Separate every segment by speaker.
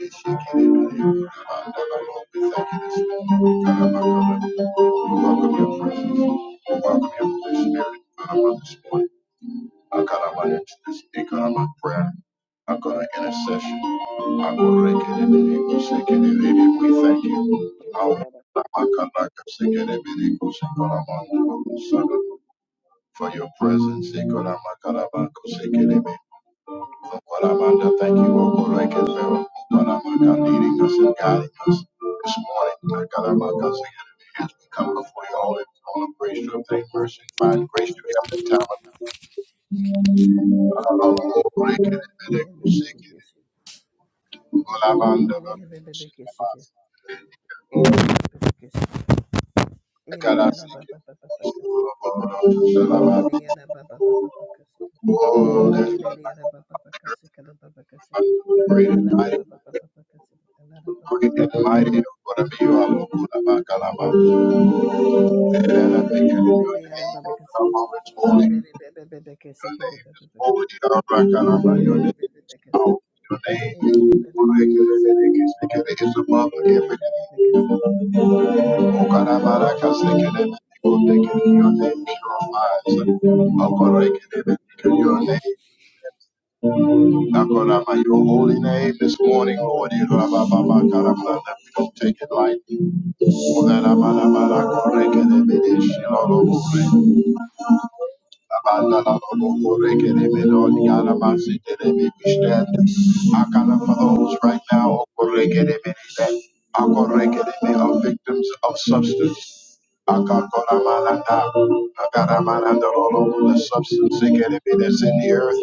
Speaker 1: We thank you this morning. We welcome your presence. We welcome your Holy Spirit Karama, this morning. Akarama into this Ikarama prayer. Akara intercession. Akorekelebele kusekelebele. We thank you.
Speaker 2: Ele
Speaker 1: Aura
Speaker 2: Ele
Speaker 1: makaraka sekelebele kusekorama kulusana. For your presence, Ikarama Karama kusekelebele. Okoramanda, Thank you, O Lord, Okorekeleo, leading us and guiding us this morning. Akaramakasa, As we come before you all in all of grace to obtain mercy and find grace to help the time of O Lord, que Leo,
Speaker 2: Ele Ele Ele
Speaker 1: sick it, sorrow. Okorekele, i Okoramanda,
Speaker 2: Ele Ele Ele Ele Ele Ele Ele Ele
Speaker 1: Okoramasa, Akarasekele, Okoramasa, Oh, there's none like you, great and mighty, great and mighty. Okoramio, Okoramakalamakasa. And I thank you in your name. I'm always holy.
Speaker 2: Ele Ele
Speaker 1: Your name is holy. All right, and I'm on your name. Oh, your name. Oh, I can live it. I above every name. Oh, God, I'm out. I can sing it. and Your name Your name purifies. Oh, God, I in Your name. Nakorama, your holy name this morning, Lord. Irabababakaramana. We don't take it lightly. Oh, da- da- ba- da- ba- da- ko- re- ke- de- be- de- shi- lo- lo- lo- re. Abanda la lobo correge de melon yara masi de rebe bishtet. Akala for those right now O correge de melon. Akorrege de me are victims of substance. Akakolamananda, akaramanandorolo, The substance ekerebe that's in the earth.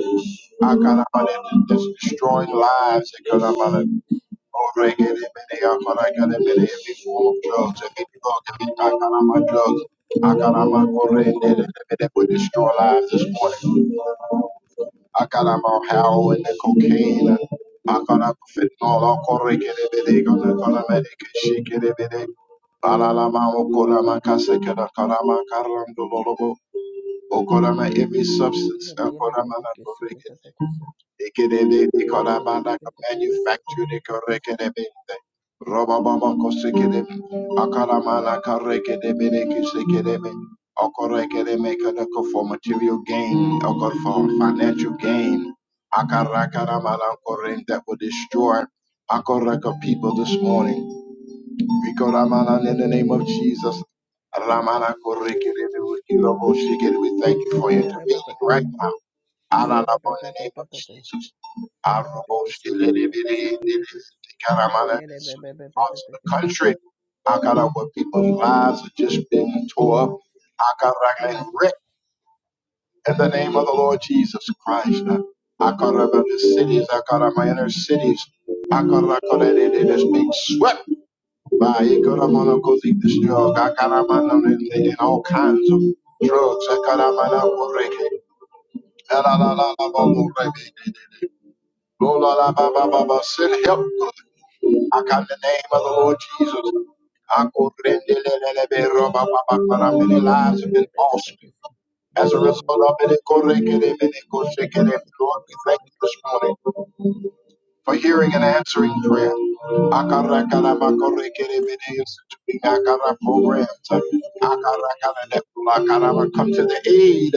Speaker 1: Akalamananda, that's destroying lives. Akalamananda. Before drugs, every drug, every Akarama drugs, Akarama Korende, that would destroy lives this morning. Akarama heroin and cocaine, Akarama fentanyl, Korende, they gonna gonna make it shake it. Alalama Okorama Kasekada Karama Karam Dololobo, Okorama every substance, Akorama Korende.
Speaker 2: Ele
Speaker 1: Ikedebe, ikorabanda, manufactured ikorekedebe, robobombo kosekedebe, akaramana karekedebe, nekisekedebe, okorekedebe, kadoko for material gain, or God for financial gain. Akarakaramanankoren That will destroy Akaraka people this morning. Viko Ramana in the name of Jesus. Ramana Korekere Vikilo Boshikere. We thank you for intervening right now. Alalabo in the name of
Speaker 2: Jesus.
Speaker 1: Jesus. Aroboshikere Vikere Ramana in certain parts of the country. Akara where people's lives are just being tore up. Akara and wrecked in the name of the Lord Jesus Christ. Akara the cities, Akara my inner cities. Akara Korekere is being swept they did all kinds of drugs. Send help. I come in the name of the Lord Jesus. I go How Many lives have been lost as a
Speaker 2: Yes,
Speaker 1: result
Speaker 2: Lord.
Speaker 1: of it. Lord, we thank you
Speaker 2: Yes, you can do.
Speaker 1: this morning. for hearing and answering prayer. Akarakaramakorekerebedeyosuturingakara Programs. Akarakaranakulakara. Come to the aid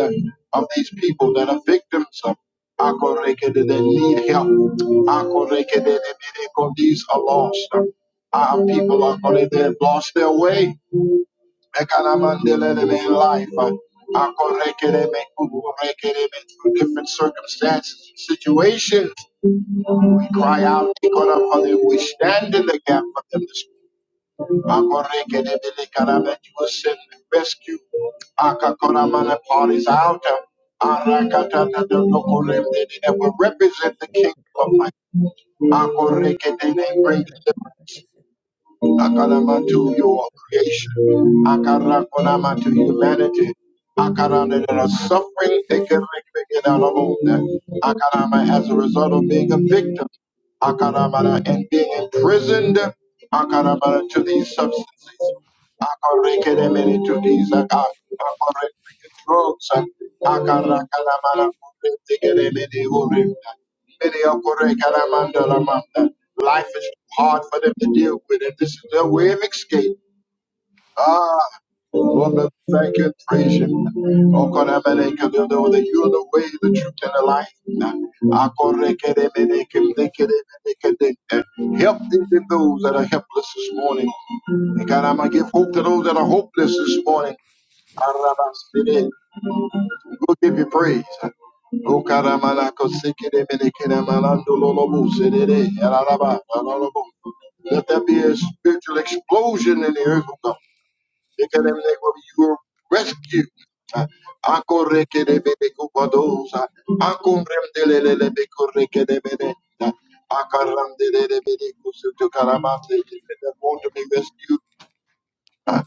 Speaker 1: of these people that are victims of akorekede that need help. Akorekedebedeyo, These are lost. Our people are going to lost their way. Ekanamandeleleme in life. Akorekedeme, kukurekedeme, Through different circumstances, and situations. We cry out to God for them. We stand in the gap for them this morning. That you will send and rescue. Akakoramana parties out. Arakatatatatokoremdede, That will represent the kingdom of light. Makorekedede, Bring
Speaker 2: Alien.
Speaker 1: deliverance. Akaramantu, your creation. Akarakonamatu, humanity. Akarana, that are suffering. Ekerekrekedalabonde. Akarama, as a result of being a victim. Akarama, and being imprisoned. Akarama, to these substances. Akorrekere meri tudiza ka akorrekere troksa akarakara mara kurrekere meri urimda meri akorrekara mandala manda. Life is too hard for them to deal with, and this is their way of escape. Ah, Lord, we thank you and praise you. Oh, God, I thank you that you are the way, the truth, and the life. Ah, I thank you, thank you, Help them, those that are helpless this morning. And God, I'm going to give hope to those that are hopeless this morning. We'll give you praise. O karamala kosekere menekere malando lolobo serere. Araraba, Let there be a spiritual explosion in the earth, O God. They will you rescue. Ako reke de bebe kupadosa. Ako remdele le le beko reke de bebe. Akaram de le le bebe kusutu karamam de. They're going to be rescued those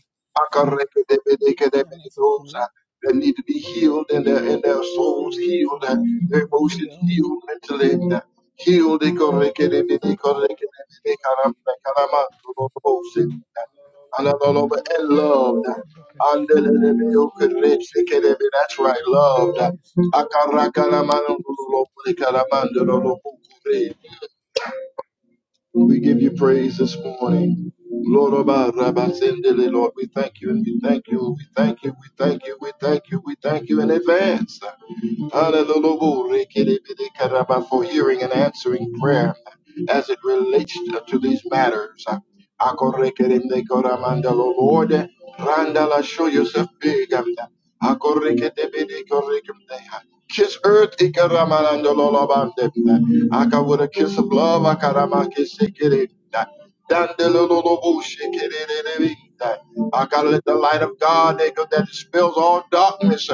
Speaker 2: She sent a message to me.
Speaker 1: that need to be healed and their, and their
Speaker 2: She was
Speaker 1: souls
Speaker 2: sending. She sent
Speaker 1: healed,
Speaker 2: a
Speaker 1: uh,
Speaker 2: message
Speaker 1: their
Speaker 2: to me. She
Speaker 1: emotions
Speaker 2: go
Speaker 1: healed, intellect uh, healed. Ikorekedebedikorekedebedekaramakaramandorobose, uh, Analoloba, And loved. uh,
Speaker 2: home.
Speaker 1: Andelelebeokerekedebedekedebe, That's right, loved. uh, Akarakaramanondoroloborekaramandorodobokure, we give you praise this morning. Lord, Oba, Rabba, Sindele, Lord, we thank you and we thank you, we thank you, we thank you, we thank you, we thank you in advance. Hallelujah, glory, kiddy, karaba, for hearing and answering prayer as it relates to these matters. Akore, kiddy, koramanda, Lord, Randala, show yourself big. Kiss earth, ikaramanandololobande. Aka with a kiss of love, akaramake sekere. Dandelololobu shekerere. Aka let the light of God they go that dispels all darkness.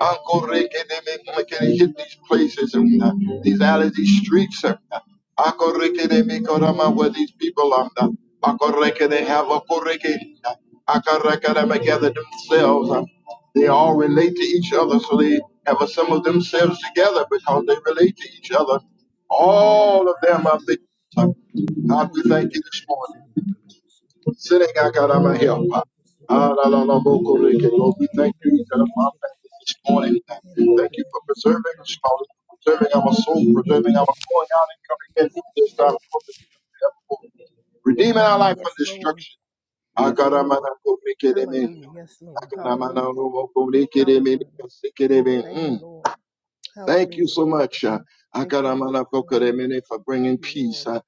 Speaker 1: Uncle Rick and them can hit these places and uh, these alleys, these streets. and uh, Uncle Rick and them Korama, where these people are. uh, Uncle Rick and they have a correct. Akarakadama gather themselves. um, They all relate to each other, so they have assembled themselves together because they relate to each other. All of them are things. um, God, we thank you this morning. Sitting Akarama help. uh, Alalabokoreke. Lord, we thank you each other for our families this morning. Thank you thank you for preserving us, Father, for preserving our soul, preserving our going out and coming in from this time. forward, Redeeming our life from
Speaker 2: Yes, Lord.
Speaker 1: destruction
Speaker 2: Yes, Lord.
Speaker 1: Akaramana komikereme.
Speaker 2: Hallelujah. Yes, Lord.
Speaker 1: Akaramana
Speaker 2: Hallelujah.
Speaker 1: robo komikereme
Speaker 2: Hallelujah.
Speaker 1: kasikereme.
Speaker 2: Thank you,
Speaker 1: Mm.
Speaker 2: Lord.
Speaker 1: Thank
Speaker 2: Hallelujah.
Speaker 1: you so much. uh,
Speaker 2: Thank you, Lord.
Speaker 1: Akaramana
Speaker 2: Hallelujah.
Speaker 1: kokeremene for bringing
Speaker 2: Thank you,
Speaker 1: peace.
Speaker 2: Lord.
Speaker 1: uh,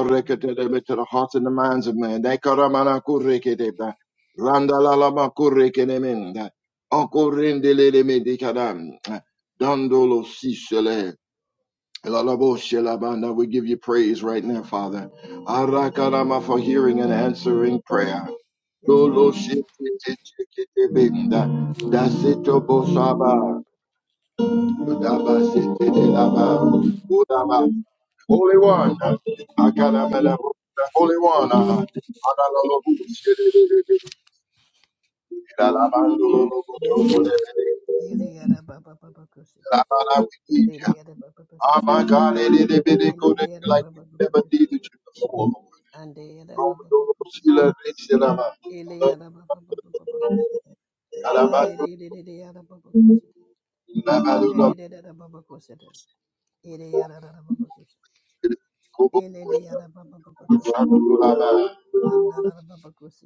Speaker 2: Hallelujah.
Speaker 1: to the hearts and the minds of men. Akaramana koreketeba. Randalalama korekenemenda. Akorendeleleme dikadam. Uh, Dandolo sisele. Lalabo shelabanda. We give you praise right now, Father. Arakarama for hearing and answering prayer.
Speaker 2: Yes, Lord.
Speaker 1: Dolo shete te cheke te benda. Da seto bo sete de laba. Udaba. Holy One. Akana mela. Holy One. Analolo bu shede de de de de. La la ba lo
Speaker 2: Yes,
Speaker 1: de
Speaker 2: Lord.
Speaker 1: de de. La ba we need ya.
Speaker 2: Yes,
Speaker 1: Oh
Speaker 2: Lord.
Speaker 1: my God, it is a bit of good
Speaker 2: Eleleyara
Speaker 1: like
Speaker 2: baba
Speaker 1: we
Speaker 2: baba
Speaker 1: never
Speaker 2: kus.
Speaker 1: needed you before.
Speaker 2: Andeyara
Speaker 1: Oh,
Speaker 2: baba baba
Speaker 1: Dolo
Speaker 2: kus.
Speaker 1: shila de shila ba.
Speaker 2: Eleyara baba baba baba kus.
Speaker 1: Alaba do.
Speaker 2: Andeleleleyara baba kus.
Speaker 1: Laba do
Speaker 2: Andeleleleyara baba kus. Eleyara baba baba kus. Eleleyara baba baba
Speaker 1: I got the
Speaker 2: kus.
Speaker 1: Holy
Speaker 2: Andara baba kus.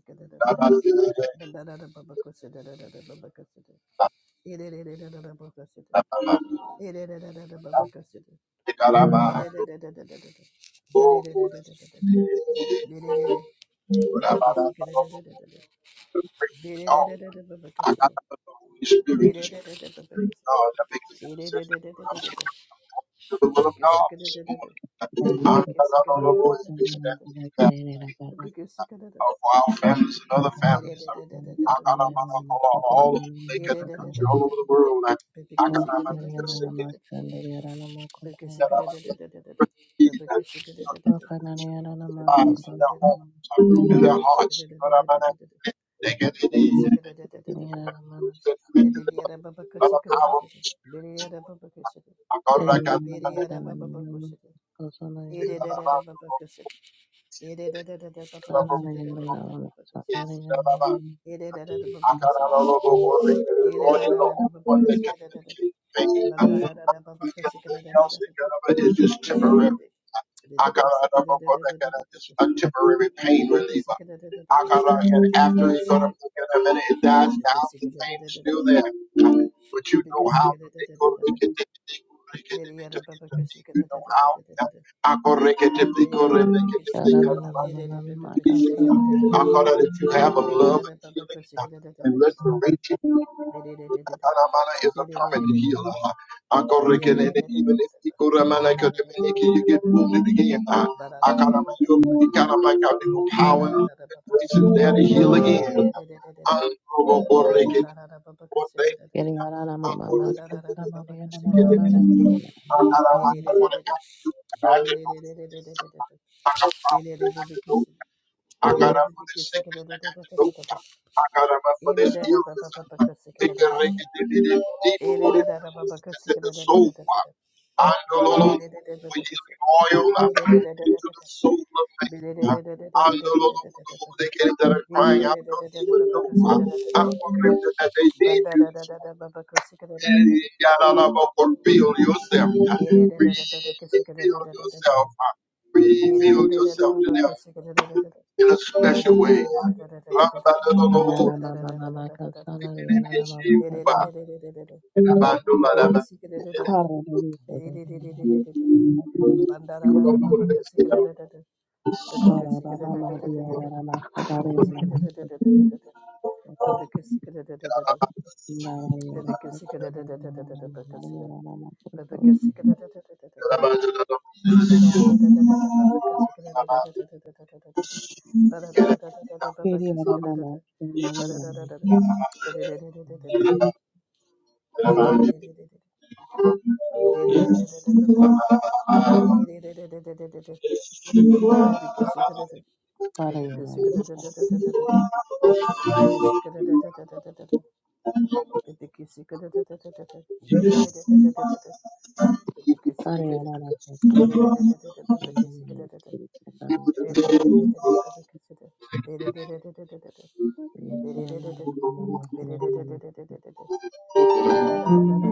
Speaker 2: Dandara baba kus. Dandara baba kus. Eleleleyara baba kus. Eleleleyara baba kus. Eleleleyara baba kus. Bebe kesi. Because
Speaker 1: Spirit, the Spirit of God that makes intercession for us. To the will of God this morning.
Speaker 3: Kiri
Speaker 1: I got
Speaker 3: yana
Speaker 1: the Lord
Speaker 3: nama
Speaker 1: is that for our families and other families. I got all over the country, all over the world. I got a man They're According
Speaker 2: London,
Speaker 1: to It's just temporary. I got a just a temporary pain reliever. I got and after you go to in a minute, it dies down. The pain is still there, but you know how they go to get it, they go to to get it, You know how I go to get it.
Speaker 3: mama kasama
Speaker 1: I God, that if you have
Speaker 2: Bandara
Speaker 1: of love and healing and restoration, Aramana is a permanent healer. I God, reckon that even if you go to Manaka you get wounded again. I God, I'm you, you kind of like out the power and grace is there to heal again. I'm going to break it. What they need, I'm going to get it.
Speaker 3: yana
Speaker 1: I'm
Speaker 3: nama nana kiri
Speaker 1: going to Get it.
Speaker 3: yana
Speaker 1: I
Speaker 3: nama
Speaker 1: God,
Speaker 3: sandu
Speaker 1: I'm going to do it. I got problems that I have to go. I got up for this sickness that I have to go. I got up for this illness. They can rank it in it deep
Speaker 2: Baba
Speaker 1: rooted illnesses in the soul. I know the oil uh, into the soul of man. I know the Lord, they get that are crying out, don't even know. uh, I'm worried that they need you. this and you got all of reveal yourself. Reveal yourself. Reveal yourself to them in a special way.
Speaker 3: Anana mama mama kasana riana mama kasa. Kara desa dana.
Speaker 2: Baba
Speaker 3: Kara baba ma diara mama kara mama kasa. Nara yara kasa nara riana mama nara mama kasa. Kiri yara mama nara yara mama. Para yara mama.
Speaker 2: Bandara
Speaker 3: Para yara mama kasa. Yana mama mama yana mama.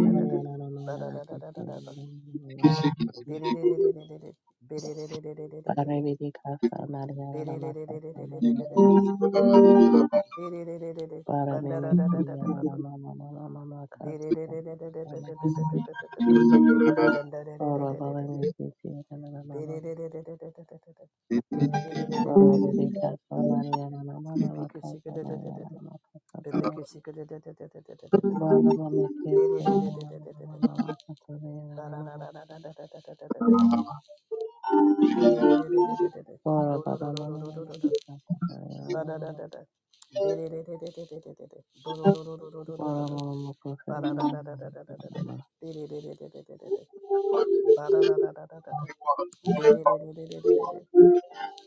Speaker 3: Nara yana mama nara kasa. Parabidikasa Mariana Makasa Mariana Paramimitiya Mama Mama Mama Kasa Mama Oro
Speaker 2: Ba-da-da-da-da-da-da-da-da.
Speaker 3: Bhavamitiya Mama Mama Parabidikasa Mariana Mama Mama Kasa Mariana Mama Kasa Tara Bala Mama Kesa Mariana Mama Mama Kasa Mariana Mama Bala Bala Mama Mama Kasa Mariana Mama Bala Mama Mama Kasa Mariana Mama
Speaker 2: Bandara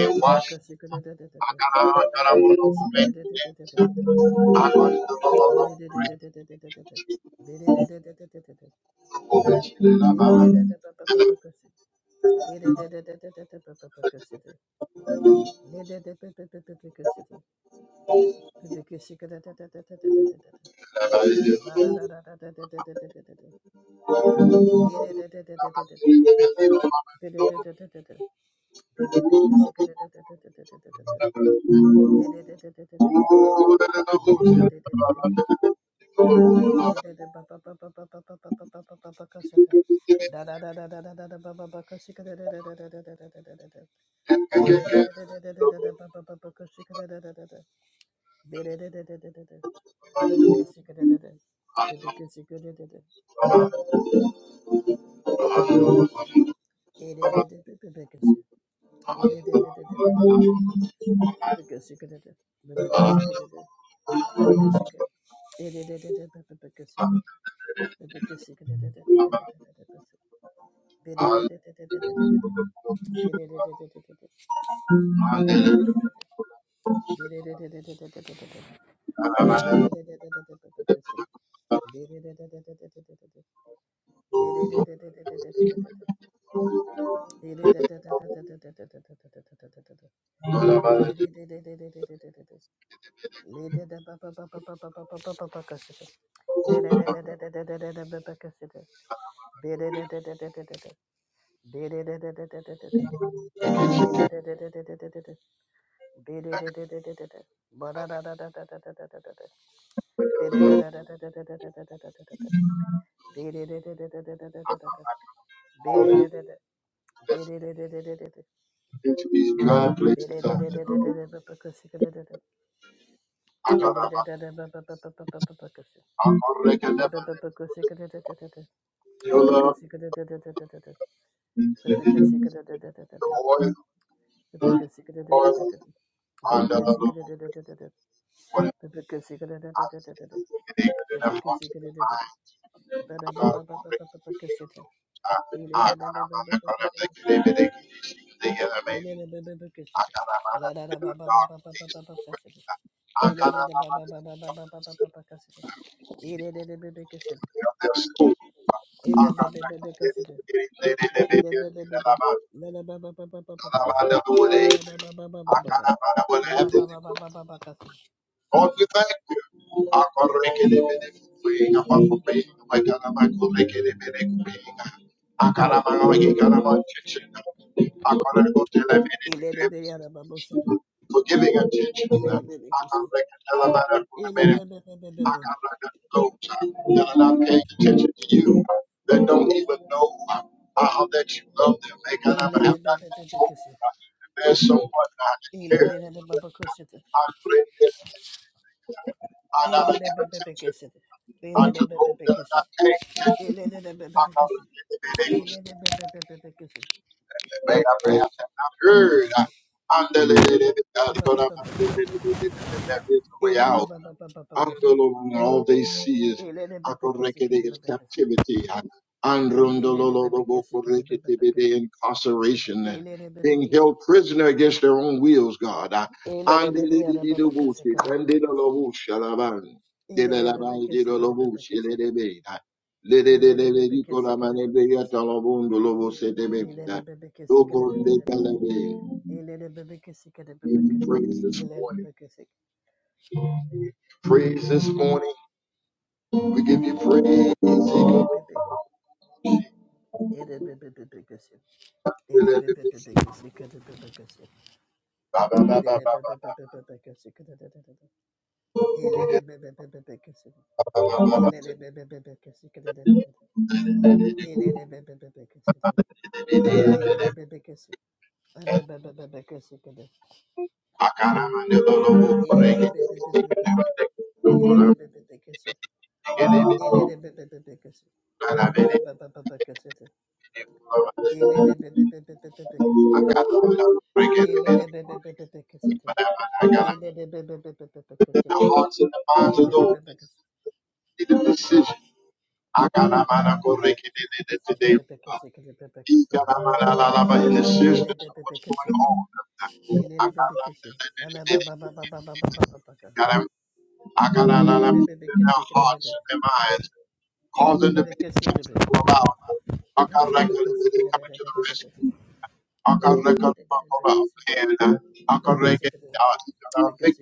Speaker 2: Ba-da-da-da-da-da-da-da-da-da-da-da. Baby, Biddy Bere
Speaker 1: Into these dry places, out there. Akaraba, Akorekedeba,
Speaker 2: Ele
Speaker 1: Yola, the oil, oil, and the Lord, and the heart of the mind.
Speaker 2: Ele
Speaker 1: Thank you. Lord, we thank you. Our correct for giving attention to them. I can reconcile about that for a minute. I can reconcile those that are not paying attention to you, that don't even know how that you love them. They kind of have not been told that there's someone not that cares for them. I pray that I not give attention unto those that are not paying attention. to them. I can may I perhaps have not heard. I- Andalelelele, God, God, I'm- There is a way out. Andololo, All they see is akorekete, is captivity.
Speaker 2: Elele
Speaker 1: Androndololo,
Speaker 2: bebe kesi kede bebe
Speaker 1: bokorekete,
Speaker 2: bebe
Speaker 1: be the
Speaker 2: kesi.
Speaker 1: incarceration and
Speaker 2: Elele bebe
Speaker 1: being
Speaker 2: kesi.
Speaker 1: held prisoner against their own wills, God.
Speaker 2: Elele bebe yara bebe kesi
Speaker 1: Andelelelelebosi,
Speaker 2: kede bebe kesi.
Speaker 1: andelelelebosalaban,
Speaker 2: Elele bebe kesi kede bebe kesi.
Speaker 1: delelabandeleleboshelelebe,
Speaker 2: Elele bebe kesi kede
Speaker 1: lelelelelelikolamane,
Speaker 2: bebe kesi.
Speaker 1: beyatolobondolobose,
Speaker 2: Elele bebe kesi kede de de de de.
Speaker 1: Dogondegalebe.
Speaker 2: Elele bebe kesi kede
Speaker 1: We give
Speaker 2: bebe
Speaker 1: you
Speaker 2: kesi.
Speaker 1: praise this
Speaker 2: Elele
Speaker 1: morning.
Speaker 2: bebe kesi.
Speaker 1: Praise this morning. We give you praise. I
Speaker 2: Ele bebe bebe. Ele bebe bebe kesi. Ele bebe bebe kesi kede bebe kesi.
Speaker 1: got
Speaker 2: Elele bebe bebe bebe kesi kede de de de de. Elele bebe bebe bebe kesi. Elele bebe bebe kesi kede de de de de. Ele de bebe bebe kesede. Ele de bebe kesede. Anda bebe bebe kesede. Ele de bebe bebe kesede. Ele de bebe bebe kesede. Ele de bebe bebe kesede. Anda de bebe bebe kesede. Ele de bebe bebe bebe kesede.
Speaker 1: to break it.
Speaker 2: Ele de bebe bebe bebe kesede.
Speaker 1: But I got
Speaker 2: Ele de bebe bebe bebe
Speaker 1: the
Speaker 2: kesede.
Speaker 1: hearts and the minds of
Speaker 2: Ele de
Speaker 1: those
Speaker 2: bebe kesede.
Speaker 1: that need a decision. I got a man I go break it today.
Speaker 2: Bebe kesede bebe
Speaker 1: He got
Speaker 2: kesede.
Speaker 1: a man a la la In the
Speaker 2: Ele
Speaker 1: seriousness
Speaker 2: de bebe
Speaker 1: of
Speaker 2: bebe
Speaker 1: what's going
Speaker 2: kesede.
Speaker 1: on. I
Speaker 2: Ele de
Speaker 1: got
Speaker 2: bebe kesede. Anda baba baba baba baba baba.
Speaker 1: God, I got a
Speaker 2: Ele
Speaker 1: la
Speaker 2: bebe bebe
Speaker 1: in their hearts
Speaker 2: kesede.
Speaker 1: and their minds, causing them to be
Speaker 2: Bekesi,
Speaker 1: intentional about. I got like coming to the rescue. I got like a about and I got like it out. I think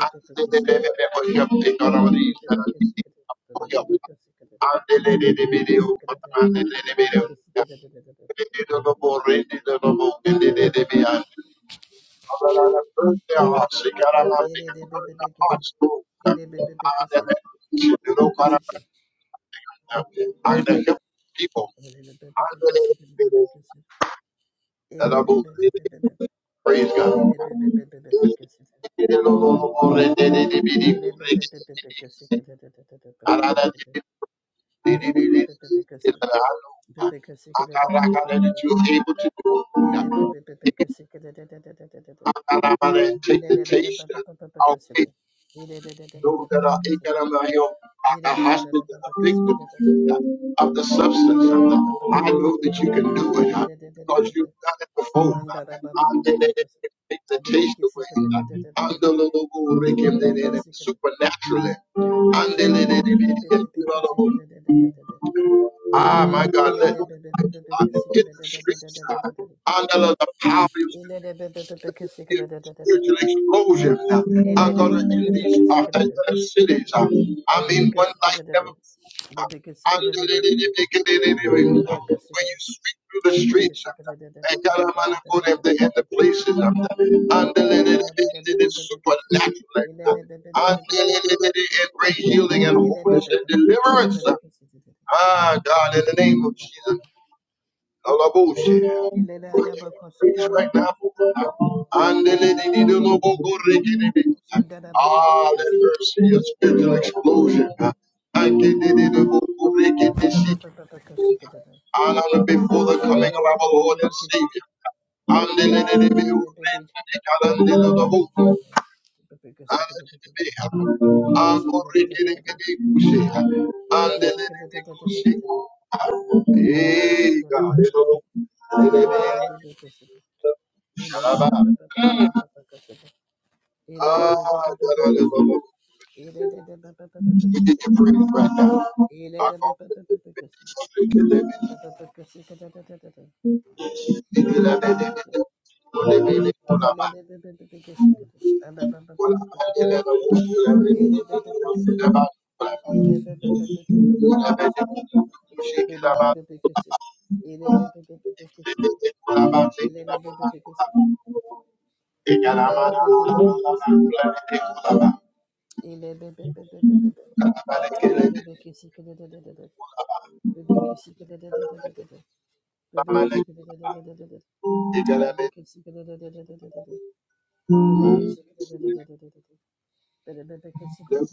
Speaker 1: I think they will help. They got all these. And the help People. Praise God. You're
Speaker 2: Ele
Speaker 1: able to do. Akaramare, Take the taste of it. Those that are Ikaramare, are the hostage and the victims of the substance. I know that you can do it because you've done it before. Take the taste away. Andalulu, Rikim, Supernaturally. Andalulu, Ah, my
Speaker 2: Ele
Speaker 1: God, let uh, get the streets uh, under the power of your spiritual explosion. uh, I'm gonna in these uh, uh, uh, cities. uh, I mean, one like never. before. uh, under the- uh, When you speak through the streets, uh, and God, I'm gonna go there in the in the places. uh, Under the the- the- the- the supernatural. uh, Under the the- the- the- and bring healing and wholeness and deliverance. uh, Ah, God, in the name of Jesus. All our bullshit. We give you praise right now. And the lady did a lobo go riggedy bit. Ah, let her see a spiritual explosion. And the lady did a lobo go riggedy sick. And on before
Speaker 2: Ele
Speaker 1: the coming of our Lord and Savior. And the lady did a lobo riggedy and the And the lady did a lobo riggedy sick. And Hey, God. Shalom. Ah, da, da, da, da, da. We give you praise right now. Our
Speaker 2: Ele
Speaker 1: Bless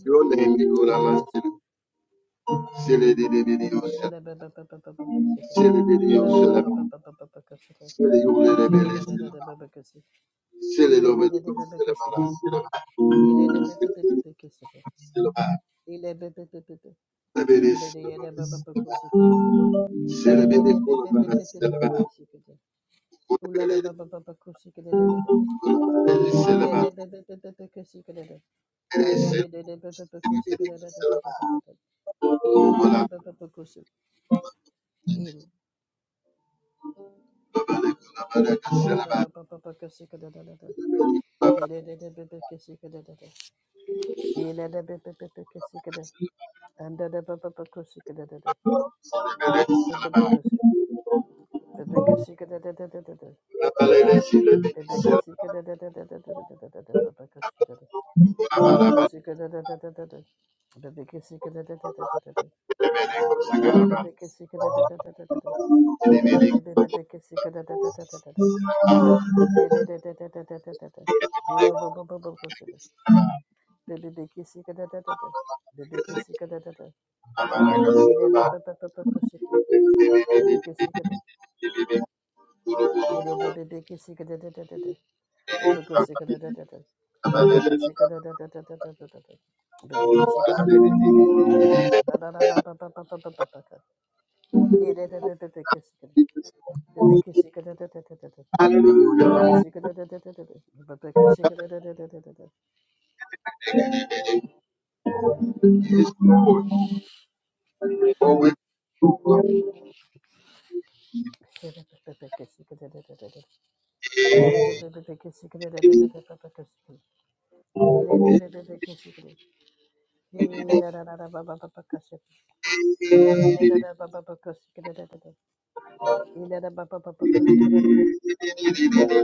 Speaker 1: your name, Nicola Hallelujah.
Speaker 2: Şöyle de de de de bebe kesi. Ile de de de bebe kesi. İle de bebe bebe kesi. İle bebe bebe bebe. Ande de yere baba baba kesi kede. İle de bebe bebe bebe kesi kede. Ula da baba baba kesi kede de de de. İle de bebe bebe bebe kesi kede de. Ande de de de bebe bebe kesi kede de de de de de de. İle de bebe bebe kesi. İle. La da baba baba kesi kede de de de. İle de de bebe kesi kede de de. İle de bebe bebe kesi kede. And da da ba ba ba kusika da da da. Ba ba ba kusi- ba ba kusika da da da da da da. Ba ba kusika da da da da da da da da da da da. Ba ba kusika da da. Ba ba kusika da da da da da da. Ba ba kusika da da da da da da da. Ba ba ba ba kusika da da da da da da da. Ba ba ba ba kusika da da da da da da da. Ba da da da da da da da da da. Ba ba ba ba ba ba kusika. Ba ba ba kusika da da da da. Ba ba kusika da da da. E da ba ba ba ba ba kusika. Ba ba kusika da. E da ba ba ba kusika da da da da da. Baba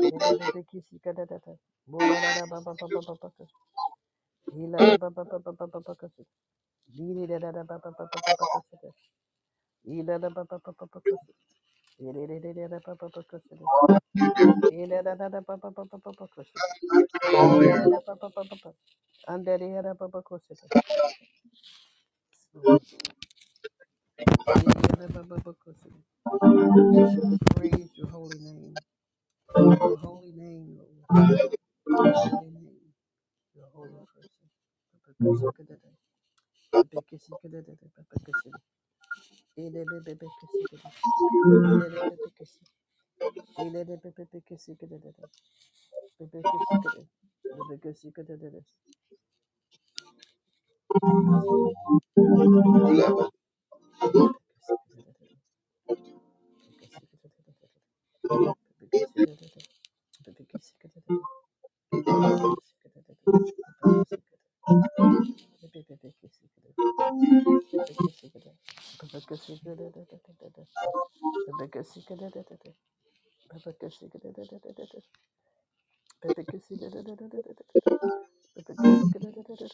Speaker 2: De de de de kishi ka da da da. Bola da da ba ba ba ba ba ba ka. Ila da ba ba ba ba ba ba ba ka. Diri da da da ba ba ba ba ba ba ka. Ila da ba ba ba ba ba ka. Ere re re re da ba ba ba ka. Ila da da da ba ba ba ba ba ba ka. Ila da ba ba ba ba ba. Andere ya da ba ba ka. Lord. Praise your holy name, your holy name, Lord, your holy name, your holy person. Baba The biggest secret, the biggest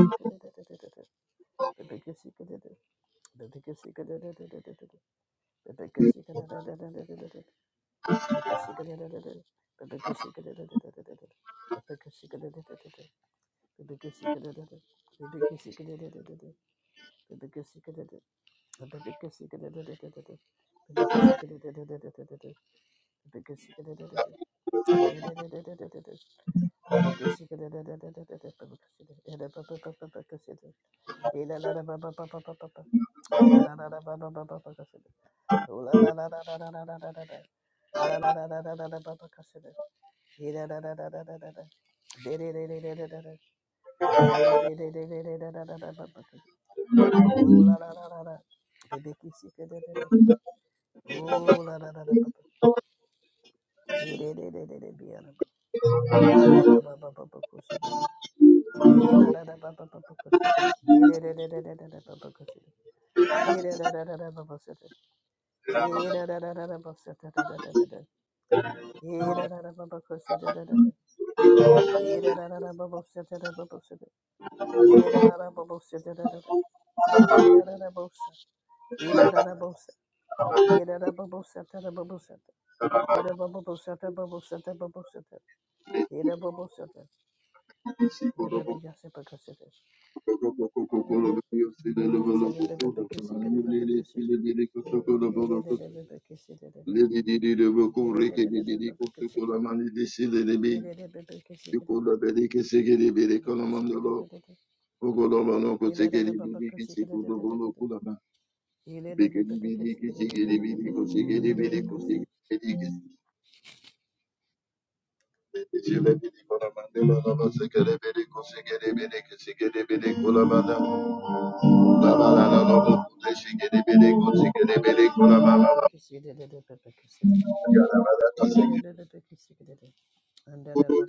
Speaker 2: secret, the biggest secret, Oh la la la la la. Bebê que se. Oh la la la la ba ba. Eh, de de de de de be ala ba. Anda la ba ba ba ba kushide. Eh la la la ba ba ba ba kushide. Be de de de de de de de ba ba kushide. Eh la la la la la ba ba kushide. Eh la la la la la ba kushide da da da da da. Eh la la la ba ba kushide da da da. Be la la la la ba ba kushide da ba ba kushide. Eh la la la ba ba kushide da da da. Eh la la la ba kushide. Eh la la la ba kushide. Eh la la ba ba kushide da ba ba kushide. Eh la ba ba kushide da ba ba kushide da ba ba kushide. Eh la ba ba kushide. Le bébé cassé pas cassé.
Speaker 1: Thank
Speaker 2: C'est le bébé cassé que le bébé cassé. Il est le bébé cassé. Il est le bébé cassé. Il est le bébé cassé que le bébé cassé que le bébé cassé. Il est le bébé cassé que le bébé cassé. Il est le bébé cassé que le bébé cassé. Le bébé cassé.
Speaker 1: you. I'm
Speaker 2: Il est le bébé cassé que le bébé cassé. Il est le bébé cassé que le bébé under The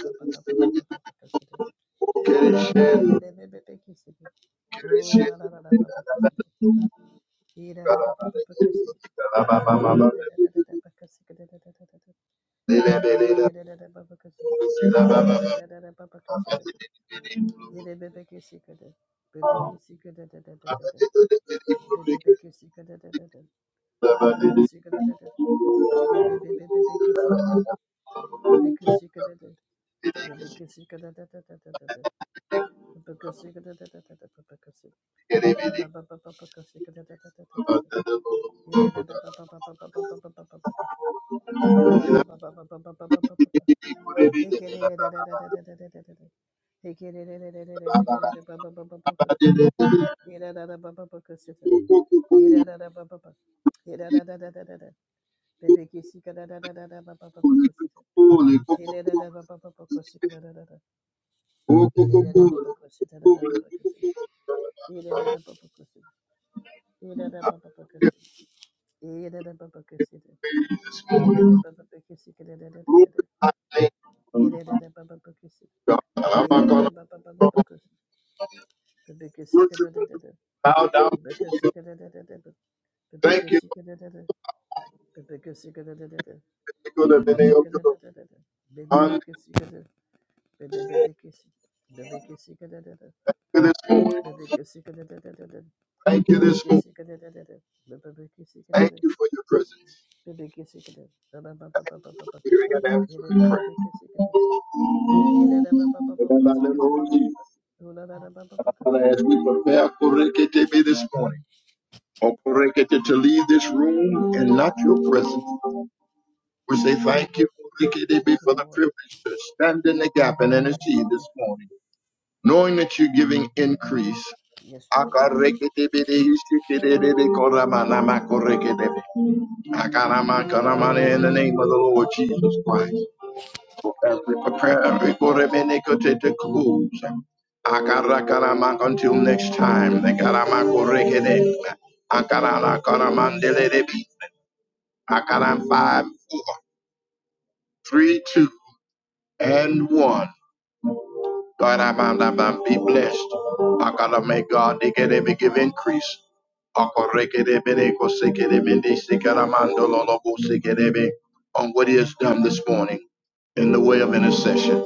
Speaker 2: Ilele Oh la la la la, Baba Cassidy. Baba Hala ba ba ba ba ba ba ba ba ba ba ba. Ekere re re re re re re re re re re re. Ekere re re re re re re re re re ba ba ba ba ba ba. Ira ra ra ba ba ba ka sita. Ira ra ra ba ba ba. Ira ra ra ra ra ra ra. Bebe ki sika ra ra ra ra ra ba ba ba ba ka sita. Ira ra ra ba ba ba ba kesi ka sika ra ra ra ra. Ira ra ra ba ba ka sita ra ra ba ba ka sita. Ira ra ra ba ba ka sita. Ira ra ba ba ba ka sita. Ira ra ba ba ka sita. Ira ra ba ba ba kesi ka sika ra ra ra ra Ira ra. ra ba ba ba kesi. Thank
Speaker 1: gonna worship and bow down. Thank you, for the many of you, Lord. Thank you this morning. Thank you this morning. Thank you for your presence, for hearing and answering prayer. In the name of Jesus. Father, as we prepare Koreketebe this morning, or Korekete to leave this room and not your presence, we say thank you, Koreketebe,
Speaker 2: you,
Speaker 1: for the
Speaker 2: Lord.
Speaker 1: privilege to stand in the gap and intercede
Speaker 2: Yes,
Speaker 1: this
Speaker 2: Lord.
Speaker 1: morning, knowing that you're giving increase.
Speaker 2: Yes, Lord.
Speaker 1: Akareketebede, ishikidebe, koramanama, koreketebe. Akanama, kanamane, In the
Speaker 2: Yes,
Speaker 1: name of the Lord
Speaker 2: Lord.
Speaker 1: Jesus Christ. Prepare every quarter minute to close. Akarakaramak until next time. The Akaramakorekede. Akaranakoramandele. Akaram five, three, two, and one. God, I'm, I'm, i be blessed. Akara may God they get every give increase. Akorekede bene kosekede mende sekaramandololobo sekedebe. On what he has done this morning in the way of intercession.